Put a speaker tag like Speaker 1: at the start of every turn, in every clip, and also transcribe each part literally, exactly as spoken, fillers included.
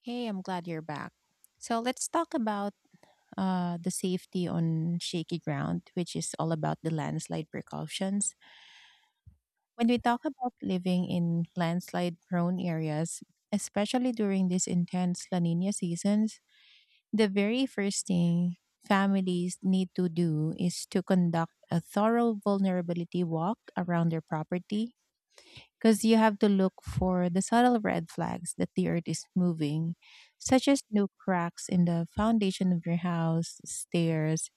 Speaker 1: Hey, I'm glad you're back. So let's talk about uh, the safety on shaky ground, which is all about the landslide precautions. When we talk about living in landslide prone areas, especially during these intense La Nina seasons, the very first thing families need to do is to conduct a thorough vulnerability walk around their property, because you have to look for the subtle red flags that the earth is moving, such as new cracks in the foundation of your house, stairs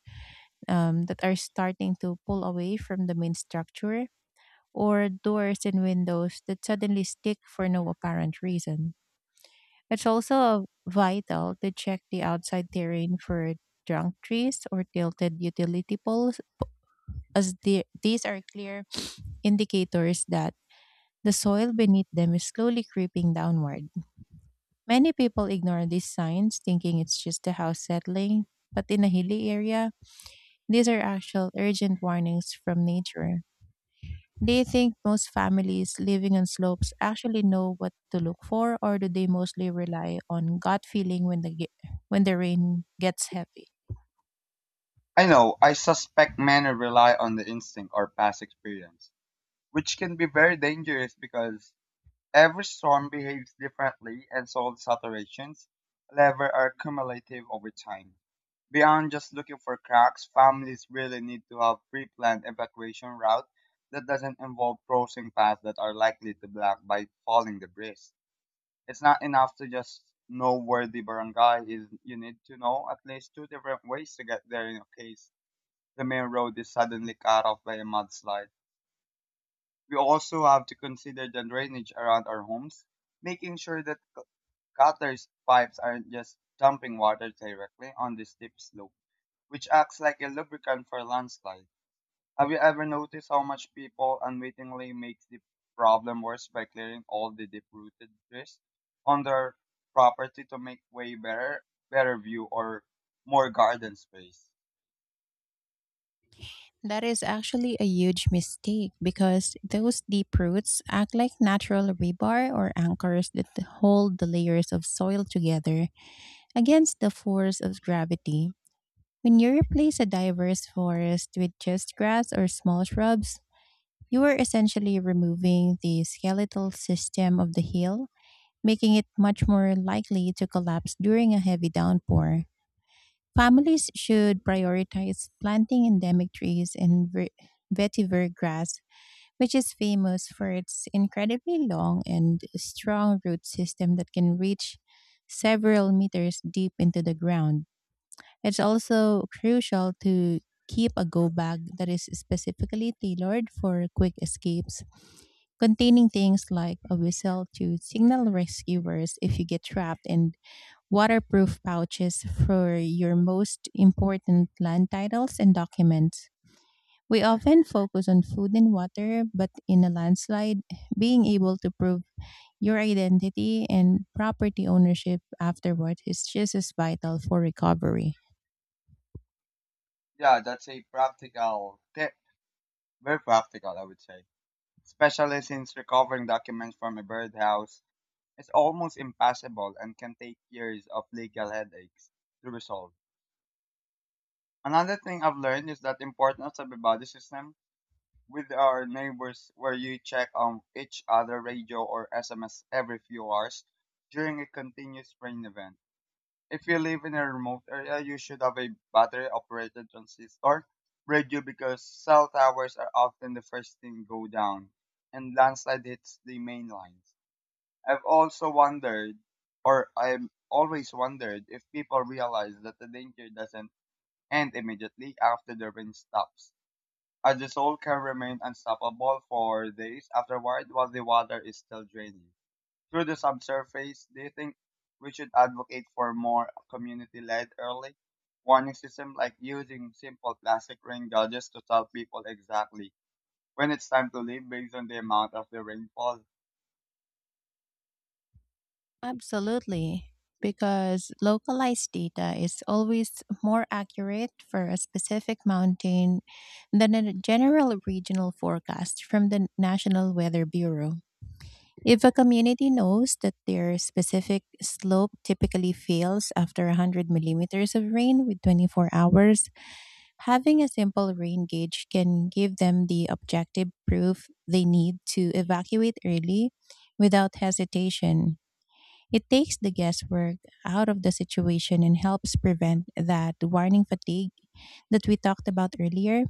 Speaker 1: um, that are starting to pull away from the main structure, or doors and windows that suddenly stick for no apparent reason. It's also vital to check the outside terrain for drunk trees or tilted utility poles, as the, these are clear indicators that the soil beneath them is slowly creeping downward. Many people ignore these signs, thinking it's just the house settling, but in a hilly area, these are actual urgent warnings from nature. Do you think most families living on slopes actually know what to look for, or do they mostly rely on gut feeling when the ge- when the rain gets heavy?
Speaker 2: I know, I suspect many rely on the instinct or past experience, which can be very dangerous because every storm behaves differently and so the saturations level are cumulative over time. Beyond just looking for cracks, families really need to have pre-planned evacuation route that doesn't involve crossing paths that are likely to block by falling debris. It's not enough to just know where the barangay is. You need to know at least two different ways to get there in a case the main road is suddenly cut off by a mudslide. We also have to consider the drainage around our homes, making sure that c- gutters pipes aren't just dumping water directly on the steep slope, which acts like a lubricant for landslide. Have you ever noticed how much people unwittingly makes the problem worse by clearing all the deep-rooted trees on their property to make way better, better view or more garden space?
Speaker 1: That is actually a huge mistake, because those deep roots act like natural rebar or anchors that hold the layers of soil together against the force of gravity. When you replace a diverse forest with just grass or small shrubs, you are essentially removing the skeletal system of the hill, making it much more likely to collapse during a heavy downpour. Families should prioritize planting endemic trees and ver- vetiver grass, which is famous for its incredibly long and strong root system that can reach several meters deep into the ground. It's also crucial to keep a go bag that is specifically tailored for quick escapes, containing things like a whistle to signal rescuers if you get trapped, and waterproof pouches for your most important land titles and documents. We often focus on food and water, but in a landslide, being able to prove your identity and property ownership afterward is just as vital for recovery.
Speaker 2: Yeah, that's a practical tip. Very practical, I would say. Especially since recovering documents from a birdhouse is almost impossible and can take years of legal headaches to resolve. Another thing I've learned is that the importance of a body system with our neighbors where you check on each other radio or S M S every few hours during a continuous rain event. If you live in a remote area, you should have a battery operated transistor radio because cell towers are often the first thing go down and landslide hits the main lines. I've also wondered or I've always wondered if people realize that the danger doesn't end immediately after the rain stops. As the soul can remain unstoppable for days afterward while the water is still draining through the subsurface, do you think we should advocate for more community-led early warning system, like using simple plastic rain gauges to tell people exactly when it's time to leave based on the amount of the rainfall?
Speaker 1: Absolutely, because localized data is always more accurate for a specific mountain than a general regional forecast from the National Weather Bureau. If a community knows that their specific slope typically fails after one hundred millimeters of rain with twenty-four hours, having a simple rain gauge can give them the objective proof they need to evacuate early without hesitation. It takes the guesswork out of the situation and helps prevent that warning fatigue that we talked about earlier,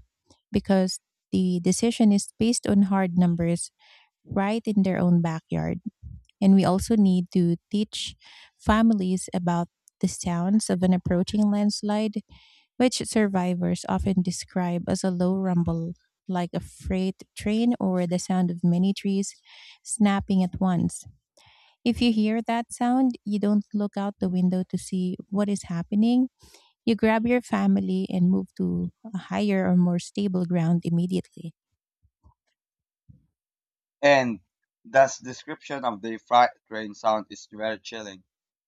Speaker 1: because the decision is based on hard numbers right in their own backyard. And we also need to teach families about the sounds of an approaching landslide, which survivors often describe as a low rumble, like a freight train or the sound of many trees snapping at once. If you hear that sound, you don't look out the window to see what is happening. You grab your family and move to a higher or more stable ground immediately.
Speaker 2: And this description of the freight train sound is very chilling.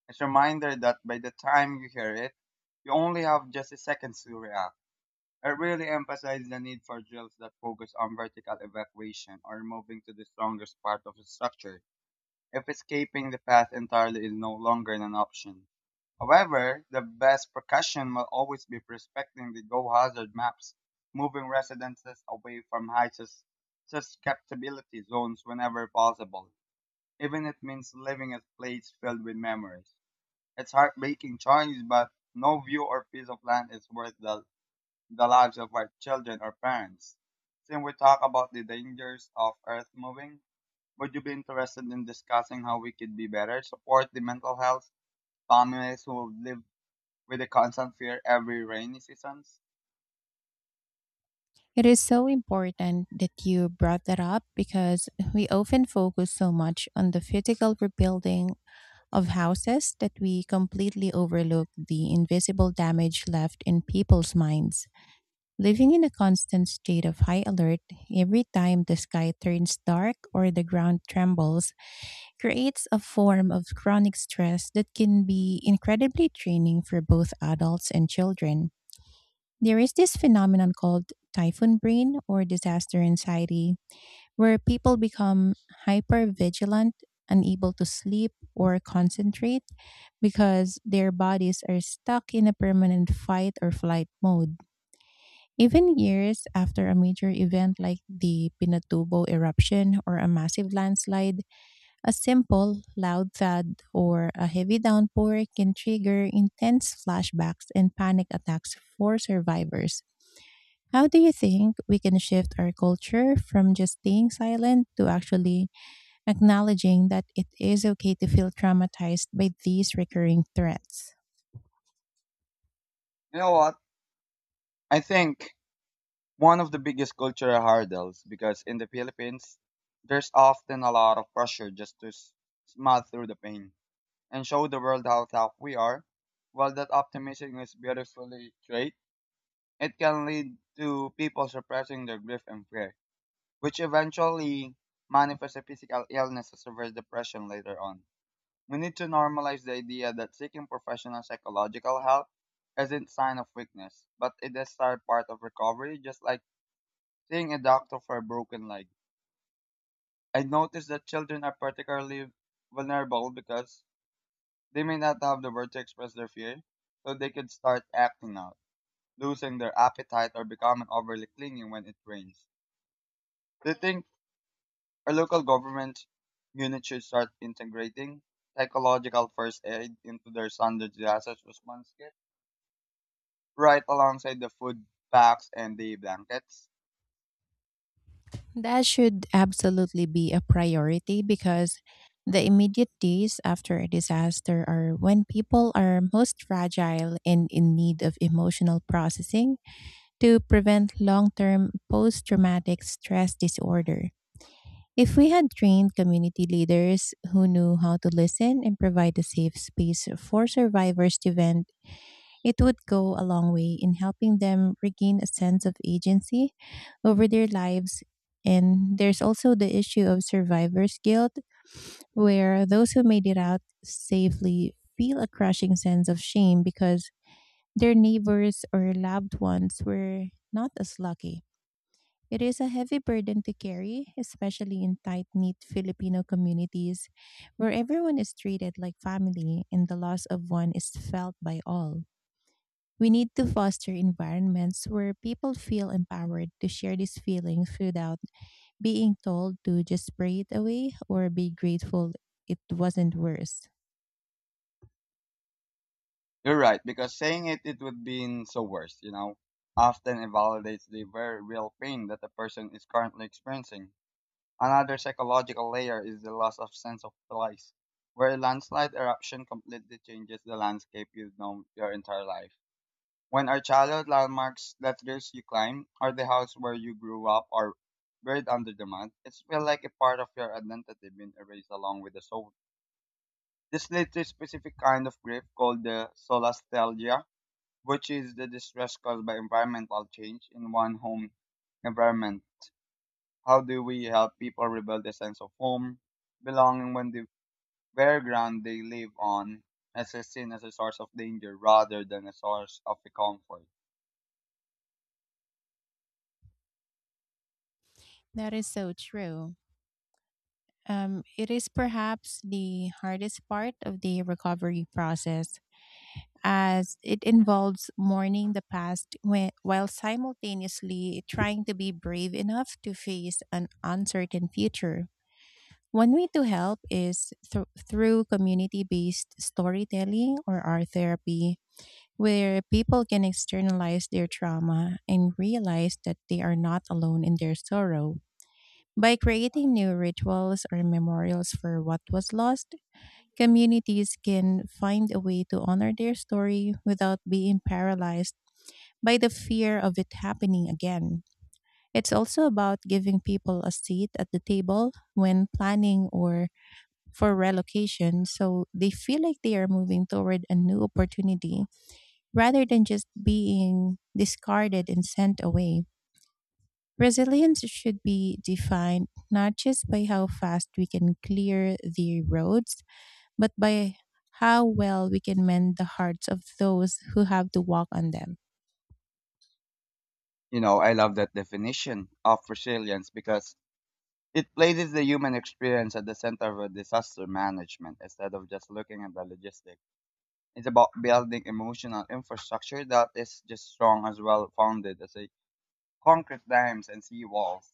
Speaker 2: It's a reminder that by the time you hear it, you only have just a seconds to react. It really emphasizes the need for drills that focus on vertical evacuation or moving to the strongest part of the structure if escaping the path entirely is no longer an option. However, the best precaution will always be respecting the go hazard maps, moving residences away from high sus- susceptibility zones whenever possible, even if it means leaving a place filled with memories. It's heartbreaking choice, but no view or piece of land is worth the, the lives of our children or parents. Since we talk about the dangers of earth moving, would you be interested in discussing how we could be better support the mental health families who live with the constant fear every rainy seasons?
Speaker 1: It is so important that you brought that up, because we often focus so much on the physical rebuilding of houses that we completely overlook the invisible damage left in people's minds. Living in a constant state of high alert every time the sky turns dark or the ground trembles creates a form of chronic stress that can be incredibly draining for both adults and children. There is this phenomenon called typhoon brain, or disaster anxiety, where people become hyper vigilant, unable to sleep or concentrate because their bodies are stuck in a permanent fight or flight mode. Even years after a major event like the Pinatubo eruption or a massive landslide, a simple loud thud or a heavy downpour can trigger intense flashbacks and panic attacks for survivors. How do you think we can shift our culture from just staying silent to actually acknowledging that it is okay to feel traumatized by these recurring threats?
Speaker 2: You know what? I think one of the biggest cultural hurdles because in the Philippines there's often a lot of pressure just to s- smile through the pain and show the world how tough we are. While that optimism is beautifully trait, it can lead to people suppressing their grief and fear which eventually manifests a physical illness or severe depression later on. We need to normalize the idea that seeking professional psychological help isn't a sign of weakness, but it is a part of recovery, just like seeing a doctor for a broken leg. I noticed that children are particularly vulnerable because they may not have the word to express their fear, so they could start acting out, losing their appetite or becoming overly clingy when it rains. They think our local government units should start integrating psychological first aid into their standard disaster response kit, right alongside the food packs and the blankets.
Speaker 1: That should absolutely be a priority, because the immediate days after a disaster are when people are most fragile and in need of emotional processing to prevent long term post traumatic stress disorder. If we had trained community leaders who knew how to listen and provide a safe space for survivors to vent, it would go a long way in helping them regain a sense of agency over their lives. And there's also the issue of survivor's guilt, where those who made it out safely feel a crushing sense of shame because their neighbors or loved ones were not as lucky. It is a heavy burden to carry, especially in tight knit Filipino communities where everyone is treated like family and the loss of one is felt by all. We need to foster environments where people feel empowered to share these feelings without being told to just spray it away or be grateful it wasn't worse.
Speaker 2: You're right, because saying it, it would be so worse, you know, often invalidates the very real pain that the person is currently experiencing. Another psychological layer is the loss of sense of place, where a landslide eruption completely changes the landscape you've known your entire life. When our childhood landmarks, letters you climb, or the house where you grew up, are buried under the mud, it's feel like a part of your identity being erased along with the soul. This leads to a specific kind of grief called the solastalgia, which is the distress caused by environmental change in one home environment. How do we help people rebuild a sense of home, belonging when the very ground they live on is seen as a source of danger rather than a source of comfort?
Speaker 1: That is so true. Um, it is perhaps the hardest part of the recovery process, as it involves mourning the past when, while simultaneously trying to be brave enough to face an uncertain future. One way to help is thr- through community based storytelling or art therapy, where people can externalize their trauma and realize that they are not alone in their sorrow. By creating new rituals or memorials for what was lost, communities can find a way to honor their story without being paralyzed by the fear of it happening again. It's also about giving people a seat at the table when planning or for relocation, so they feel like they are moving toward a new opportunity rather than just being discarded and sent away. Resilience should be defined not just by how fast we can clear the roads, but by how well we can mend the hearts of those who have to walk on them.
Speaker 2: You know, I love that definition of resilience because it places the human experience at the center of disaster management instead of just looking at the logistics. It's about building emotional infrastructure that is just strong as well founded as a concrete dams and sea walls.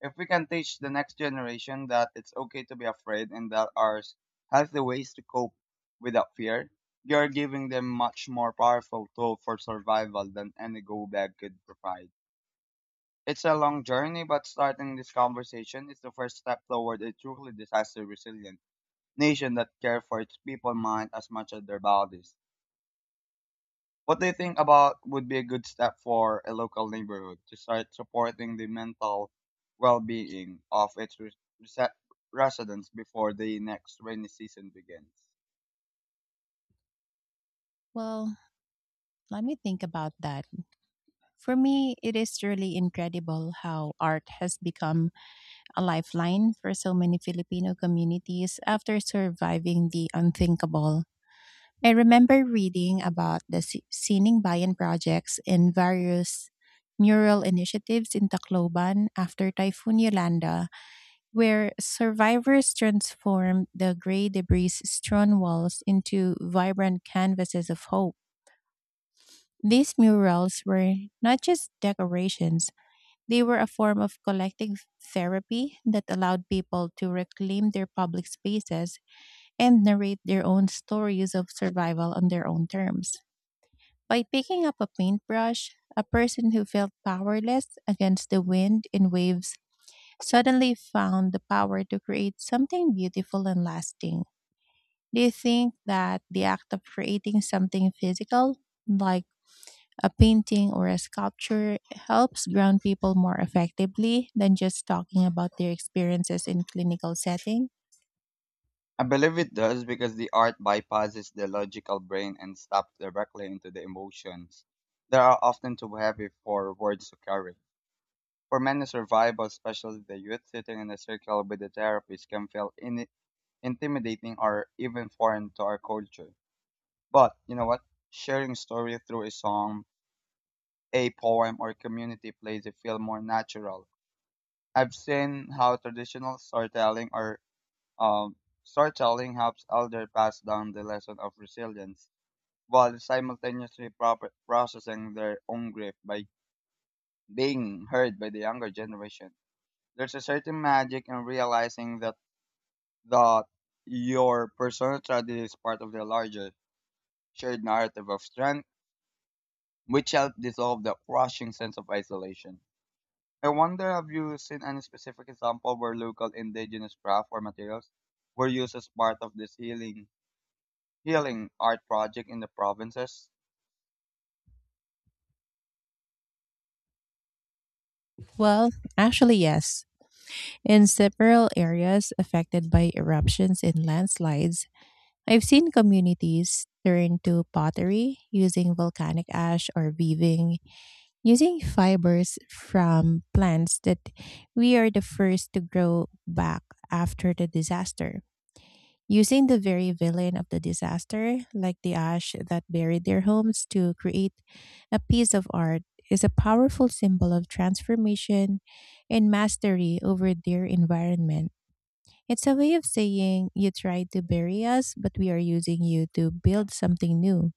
Speaker 2: If we can teach the next generation that it's okay to be afraid and that ours has the ways to cope without fear, you're giving them much more powerful tool for survival than any go bag could provide. It's a long journey, but starting this conversation is the first step toward a truly disaster resilient nation that cares for its people mind as much as their bodies. What do you think about would be a good step for a local neighborhood to start supporting the mental well being of its res- rese- residents before the next rainy season begins?
Speaker 1: Well, let me think about that. For me, it is really incredible how art has become a lifeline for so many Filipino communities after surviving the unthinkable. I remember reading about the Si- Sining Bayan projects and various mural initiatives in Tacloban after Typhoon Yolanda, where survivors transformed the gray debris strewn walls into vibrant canvases of hope. These murals were not just decorations, they were a form of collective therapy that allowed people to reclaim their public spaces and narrate their own stories of survival on their own terms. By picking up a paintbrush, a person who felt powerless against the wind and waves suddenly found the power to create something beautiful and lasting. Do you think that the act of creating something physical, like a painting or a sculpture, helps ground people more effectively than just talking about their experiences in clinical setting?
Speaker 2: I believe it does because the art bypasses the logical brain and stops directly into the emotions that are often too heavy for words to carry. For many survivors, especially the youth, sitting in a circle with the therapist can feel in- intimidating or even foreign to our culture. But you know what? Sharing story through a song, a poem, or community plays it feel more natural. I've seen how traditional storytelling or um, storytelling helps elder pass down the lesson of resilience while simultaneously proper processing their own grief by being heard by the younger generation. There's a certain magic in realizing that that your personal tragedy is part of the larger shared narrative of strength, which helped dissolve the crushing sense of isolation. I wonder, have you seen any specific example where local indigenous craft or materials were used as part of this healing healing art project in the provinces?
Speaker 1: Well, actually, yes. In several areas affected by eruptions and landslides, I've seen communities turn to pottery using volcanic ash, or weaving using fibers from plants that we are the first to grow back after the disaster. Using the very villain of the disaster, like the ash that buried their homes, to create a piece of art is a powerful symbol of transformation and mastery over their environment. It's a way of saying, "You tried to bury us, but we are using you to build something new,"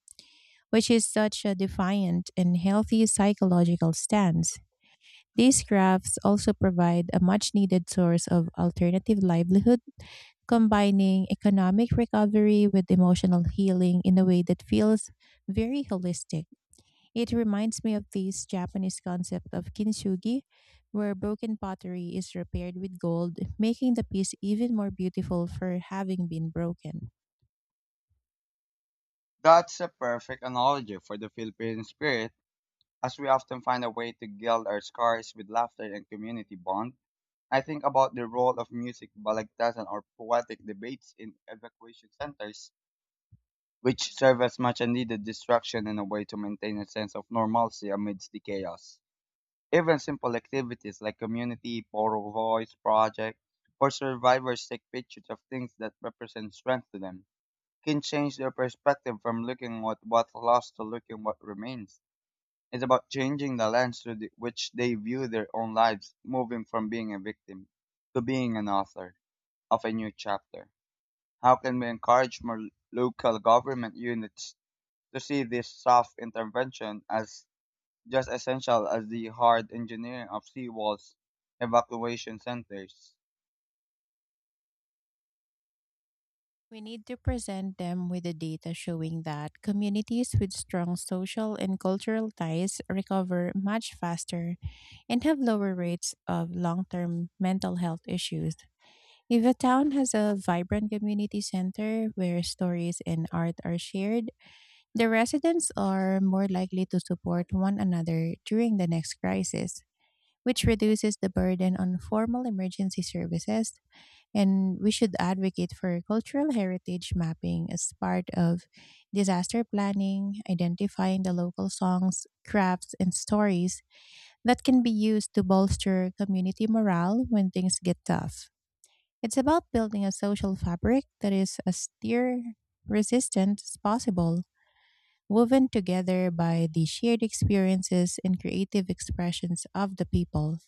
Speaker 1: which is such a defiant and healthy psychological stance. These crafts also provide a much needed source of alternative livelihood, combining economic recovery with emotional healing in a way that feels very holistic. It reminds me of this Japanese concept of kintsugi, where broken pottery is repaired with gold, making the piece even more beautiful for having been broken.
Speaker 2: That's a perfect analogy for the Philippine spirit, as we often find a way to gild our scars with laughter and community bonds. I think about the role of music, balagtasan, or poetic debates in evacuation centers, which serve as much a needed distraction and a way to maintain a sense of normalcy amidst the chaos. Even simple activities like community, poro voice project, or survivors take pictures of things that represent strength to them, can change their perspective from looking at what's lost to looking what remains. It's about changing the lens through the, which they view their own lives, moving from being a victim to being an author of a new chapter. How can we encourage more local government units to see this soft intervention as just essential as the hard engineering of seawalls, evacuation centers?
Speaker 1: We need to present them with the data showing that communities with strong social and cultural ties recover much faster and have lower rates of long term mental health issues. If a town has a vibrant community center where stories and art are shared, the residents are more likely to support one another during the next crisis, which reduces the burden on formal emergency services, and we should advocate for cultural heritage mapping as part of disaster planning, identifying the local songs, crafts, and stories that can be used to bolster community morale when things get tough. It's about building a social fabric that is as tear resistant as possible, woven together by the shared experiences and creative expressions of the people.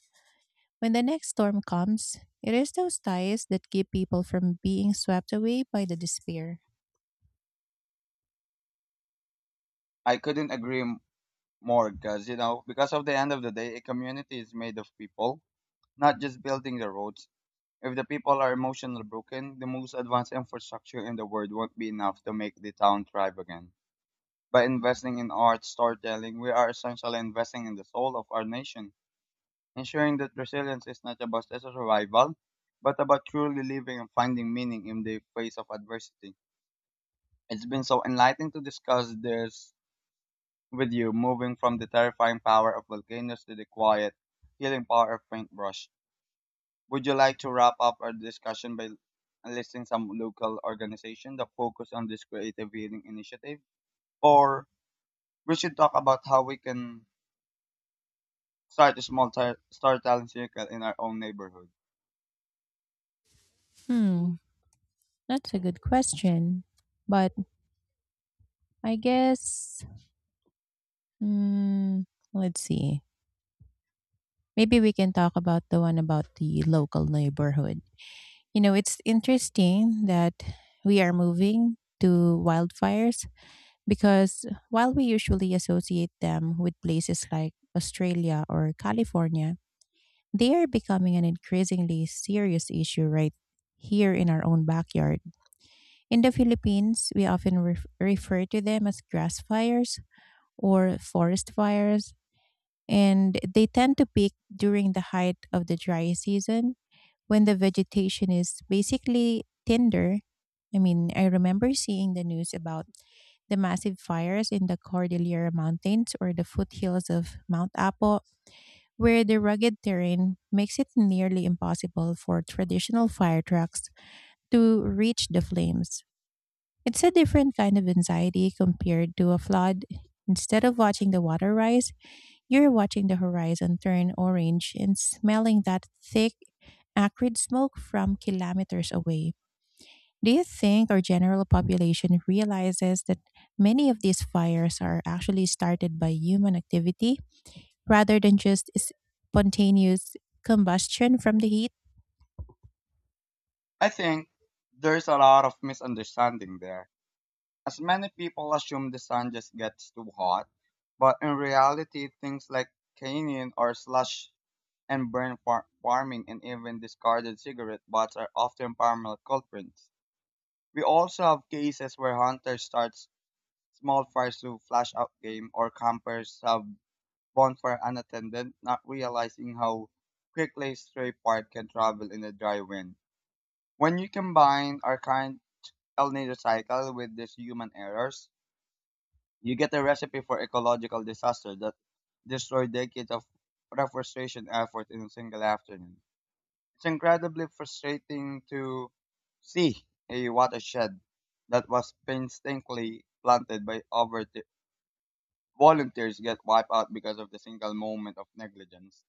Speaker 1: When the next storm comes, it is those ties that keep people from being swept away by the despair.
Speaker 2: I couldn't agree m- more, because you know, because of the end of the day, a community is made of people, not just building the roads. If the people are emotionally broken, the most advanced infrastructure in the world won't be enough to make the town thrive again. By investing in art storytelling, we are essentially investing in the soul of our nation, ensuring that resilience is not about just survival, but about truly living and finding meaning in the face of adversity. It's been so enlightening to discuss this with you, moving from the terrifying power of volcanoes to the quiet, healing power of paintbrush. Would you like to wrap up our discussion by listing some local organizations that focus on this creative healing initiative? Or we should talk about how we can start a small tar- storytelling circle in our own neighborhood.
Speaker 1: Hmm, that's a good question. But I guess, mm, let's see. Maybe we can talk about the one about the local neighborhood. You know, it's interesting that we are moving to wildfires, because while we usually associate them with places like Australia or California, they are becoming an increasingly serious issue right here in our own backyard. In the Philippines, we often ref- refer to them as grass fires or forest fires, and they tend to peak during the height of the dry season when the vegetation is basically tinder. I mean, I remember seeing the news about the massive fires in the Cordillera Mountains or the foothills of Mount Apo where the rugged terrain makes it nearly impossible for traditional fire trucks to reach the flames. It's a different kind of anxiety compared to a flood. Instead of watching the water rise, you're watching the horizon turn orange and smelling that thick, acrid smoke from kilometers away. Do you think our general population realizes that many of these fires are actually started by human activity rather than just s- spontaneous combustion from the heat?
Speaker 2: I think there's a lot of misunderstanding there. As many people assume the sun just gets too hot, but in reality, things like canning or slush and burn far- farming and even discarded cigarette butts are often paramount culprits. We also have cases where hunters start small fires to flash out game or campers have bonfire unattended, not realizing how quickly a stray part can travel in the dry wind. When you combine our current El Nino cycle with these human errors, you get a recipe for ecological disaster that destroyed decades of reforestation effort in a single afternoon. It's incredibly frustrating to see a watershed that was painstakingly planted by over volunteers get wiped out because of the single moment of negligence.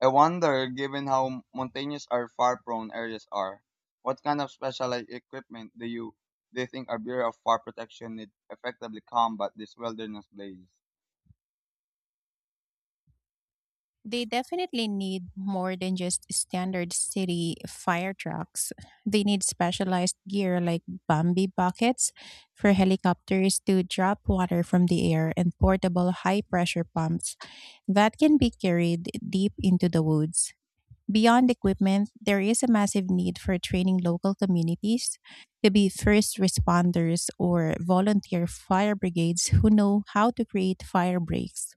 Speaker 2: I wonder, given how mountainous or fire-prone areas are, what kind of specialized equipment do you do you think our Bureau of Fire Protection need effectively combat this wilderness blaze?
Speaker 1: They definitely need more than just standard city fire trucks. They need specialized gear like Bambi buckets for helicopters to drop water from the air, and portable high pressure pumps that can be carried deep into the woods. Beyond equipment, there is a massive need for training local communities to be first responders or volunteer fire brigades who know how to create fire breaks,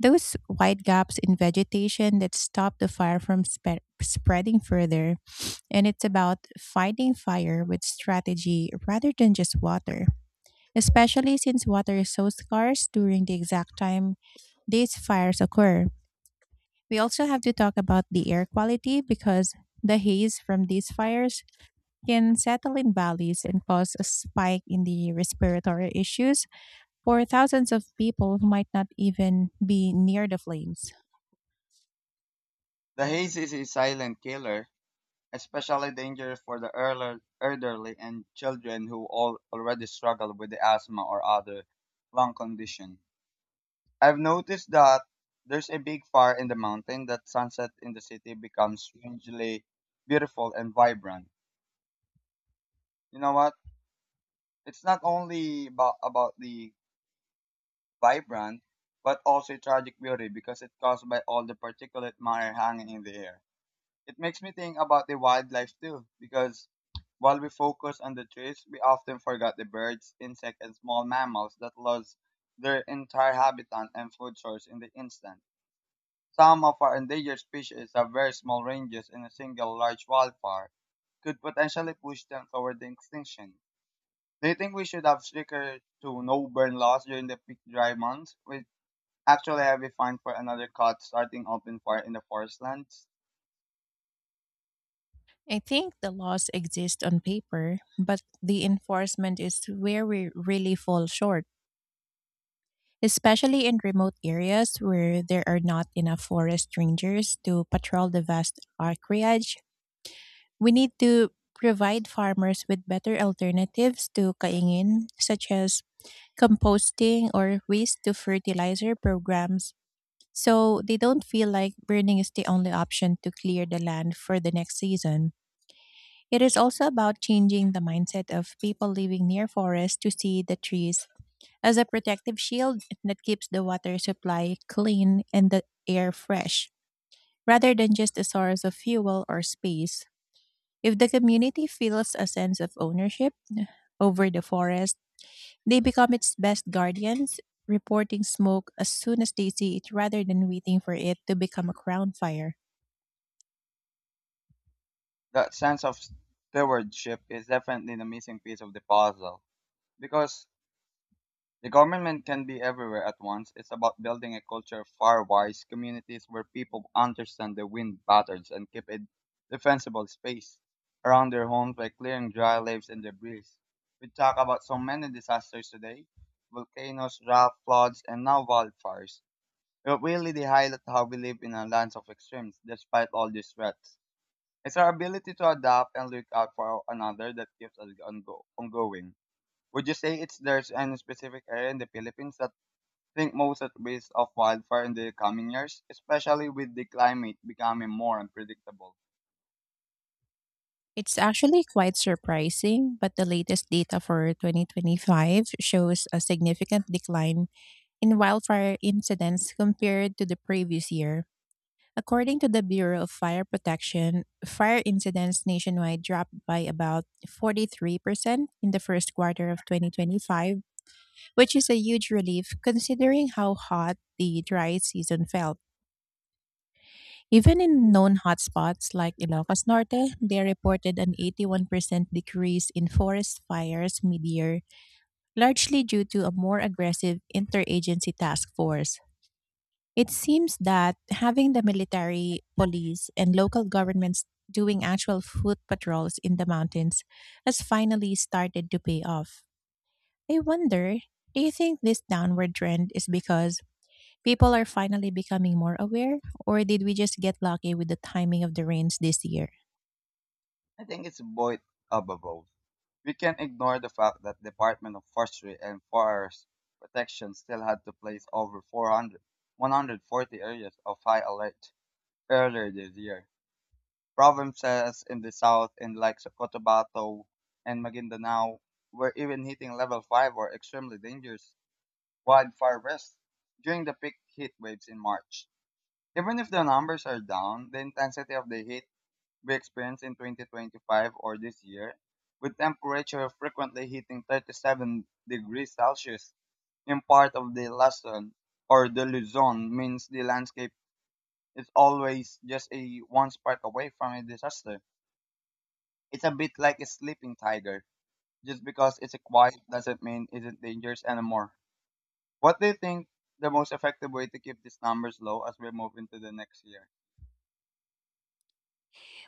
Speaker 1: those wide gaps in vegetation that stop the fire from spe- spreading further. And it's about fighting fire with strategy rather than just water, especially since water is so scarce during the exact time these fires occur. We also have to talk about the air quality, because the haze from these fires can settle in valleys and cause a spike in the respiratory issues for thousands of people who might not even be near the flames.
Speaker 2: The haze is a silent killer, especially dangerous for the elder- elderly and children who all already struggle with the asthma or other lung condition. I've noticed that there's a big fire in the mountain that sunset in the city becomes strangely beautiful and vibrant. You know what? It's not only about, about the vibrant, but also tragic beauty because it's caused by all the particulate matter hanging in the air. It makes me think about the wildlife too, because while we focus on the trees, we often forget the birds, insects, and small mammals that lost their entire habitat and food source in the instant. Some of our endangered species have very small ranges, and a single large wildfire could potentially push them toward the extinction. Do you think we should have stricter to no burn laws during the peak dry months? We actually have a fine for another cut starting open fire in the forest lands.
Speaker 1: I think the laws exist on paper, but the enforcement is where we really fall short, especially in remote areas where there are not enough forest rangers to patrol the vast acreage. We need to provide farmers with better alternatives to kaingin, such as composting or waste to fertilizer programs, so they don't feel like burning is the only option to clear the land for the next season. It is also about changing the mindset of people living near forests to see the trees as a protective shield that keeps the water supply clean and the air fresh, rather than just a source of fuel or space. If the community feels a sense of ownership over the forest, they become its best guardians, reporting smoke as soon as they see it rather than waiting for it to become a crown fire.
Speaker 2: That sense of stewardship is definitely the missing piece of the puzzle. Because the government can be everywhere at once. It's about building a culture of far wise communities where people understand the wind patterns and keep a defensible space around their homes by clearing dry leaves and debris. We talk about so many disasters today: volcanoes, drought, floods, and now wildfires. But really, they highlight how we live in a land of extremes despite all these threats. It's our ability to adapt and look out for another that keeps us ongo- ongoing. Would you say it's there's any specific area in the Philippines that think most at risk of wildfire in the coming years, especially with the climate becoming more unpredictable?
Speaker 1: It's actually quite surprising, but the latest data for twenty twenty-five shows a significant decline in wildfire incidents compared to the previous year. According to the Bureau of Fire Protection, fire incidents nationwide dropped by about forty-three percent in the first quarter of twenty twenty-five, which is a huge relief considering how hot the dry season felt. Even in known hotspots like Ilocos Norte, they reported an eighty-one percent decrease in forest fires mid year, largely due to a more aggressive interagency task force. It seems that having the military, police, and local governments doing actual foot patrols in the mountains has finally started to pay off. I wonder, do you think this downward trend is because people are finally becoming more aware, or did we just get lucky with the timing of the rains this year?
Speaker 2: I think it's both above. We can't ignore the fact that Department of Forestry and Forest Protection still had to place over four hundred, one hundred forty areas of high alert earlier this year. Provinces in the south in like Cotabato and Maguindanao were even hitting level five, or extremely dangerous wildfire risk, during the peak heat waves in March. Even if the numbers are down, the intensity of the heat we experienced in twenty twenty-five, or this year, with temperature frequently hitting thirty-seven degrees Celsius in part of the Luzon or the Luzon, means the landscape is always just a one spark away from a disaster. It's a bit like a sleeping tiger. Just because it's quiet doesn't mean it's not dangerous anymore. What do you think the most effective way to keep these numbers low as we move into the next year?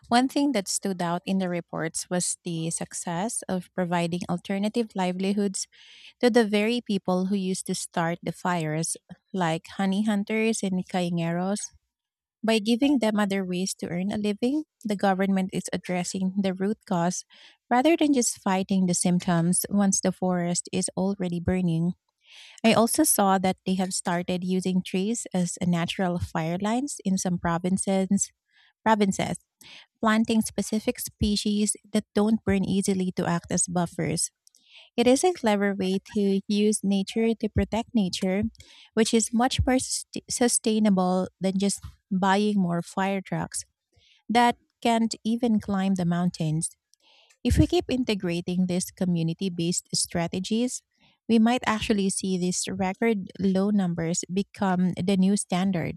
Speaker 1: One thing that stood out in the reports was the success of providing alternative livelihoods to the very people who used to start the fires, like honey hunters and cañeros. By giving them other ways to earn a living, the government is addressing the root cause rather than just fighting the symptoms once the forest is already burning. I also saw that they have started using trees as a natural fire lines in some provinces, provinces planting specific species that don't burn easily to act as buffers. It is a clever way to use nature to protect nature, which is much more sust- sustainable than just buying more fire trucks that can't even climb the mountains. If we keep integrating these community based strategies, we might actually see these record low numbers become the new standard.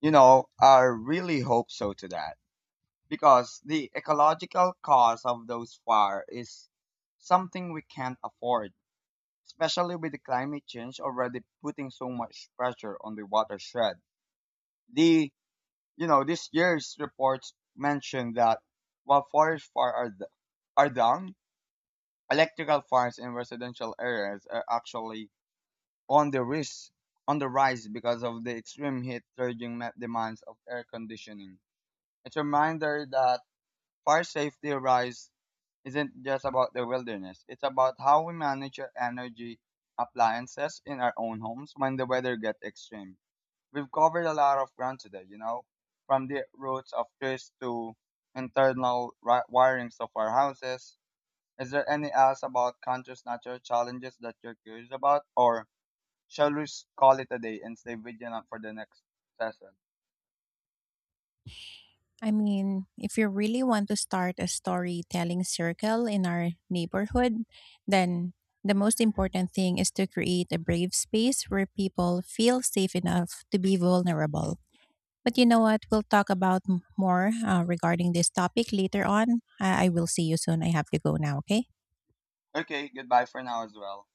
Speaker 2: You know, I really hope so to that because the ecological cost of those fires is something we can't afford, especially with the climate change already putting so much pressure on the watershed. The You know, this year's reports mentioned that while forest fires are d- are down, electrical fires in residential areas are actually on the risk on the rise because of the extreme heat surging ma- demands of air conditioning. It's a reminder that fire safety rise isn't just about the wilderness. It's about how we manage our energy appliances in our own homes when the weather gets extreme. We've covered a lot of ground today, you know, from the roots of trees to internal ri- wirings of our houses. Is there any else about conscious natural challenges that you're curious about, or shall we s- call it a day and stay vigilant for the next session?
Speaker 1: I mean, if you really want to start a storytelling circle in our neighborhood, then the most important thing is to create a brave space where people feel safe enough to be vulnerable. But you know what? We'll talk about m- more uh, regarding this topic later on. I-, I will see you soon. I have to go now, okay?
Speaker 2: Okay, goodbye for now as well.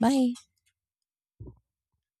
Speaker 1: Bye.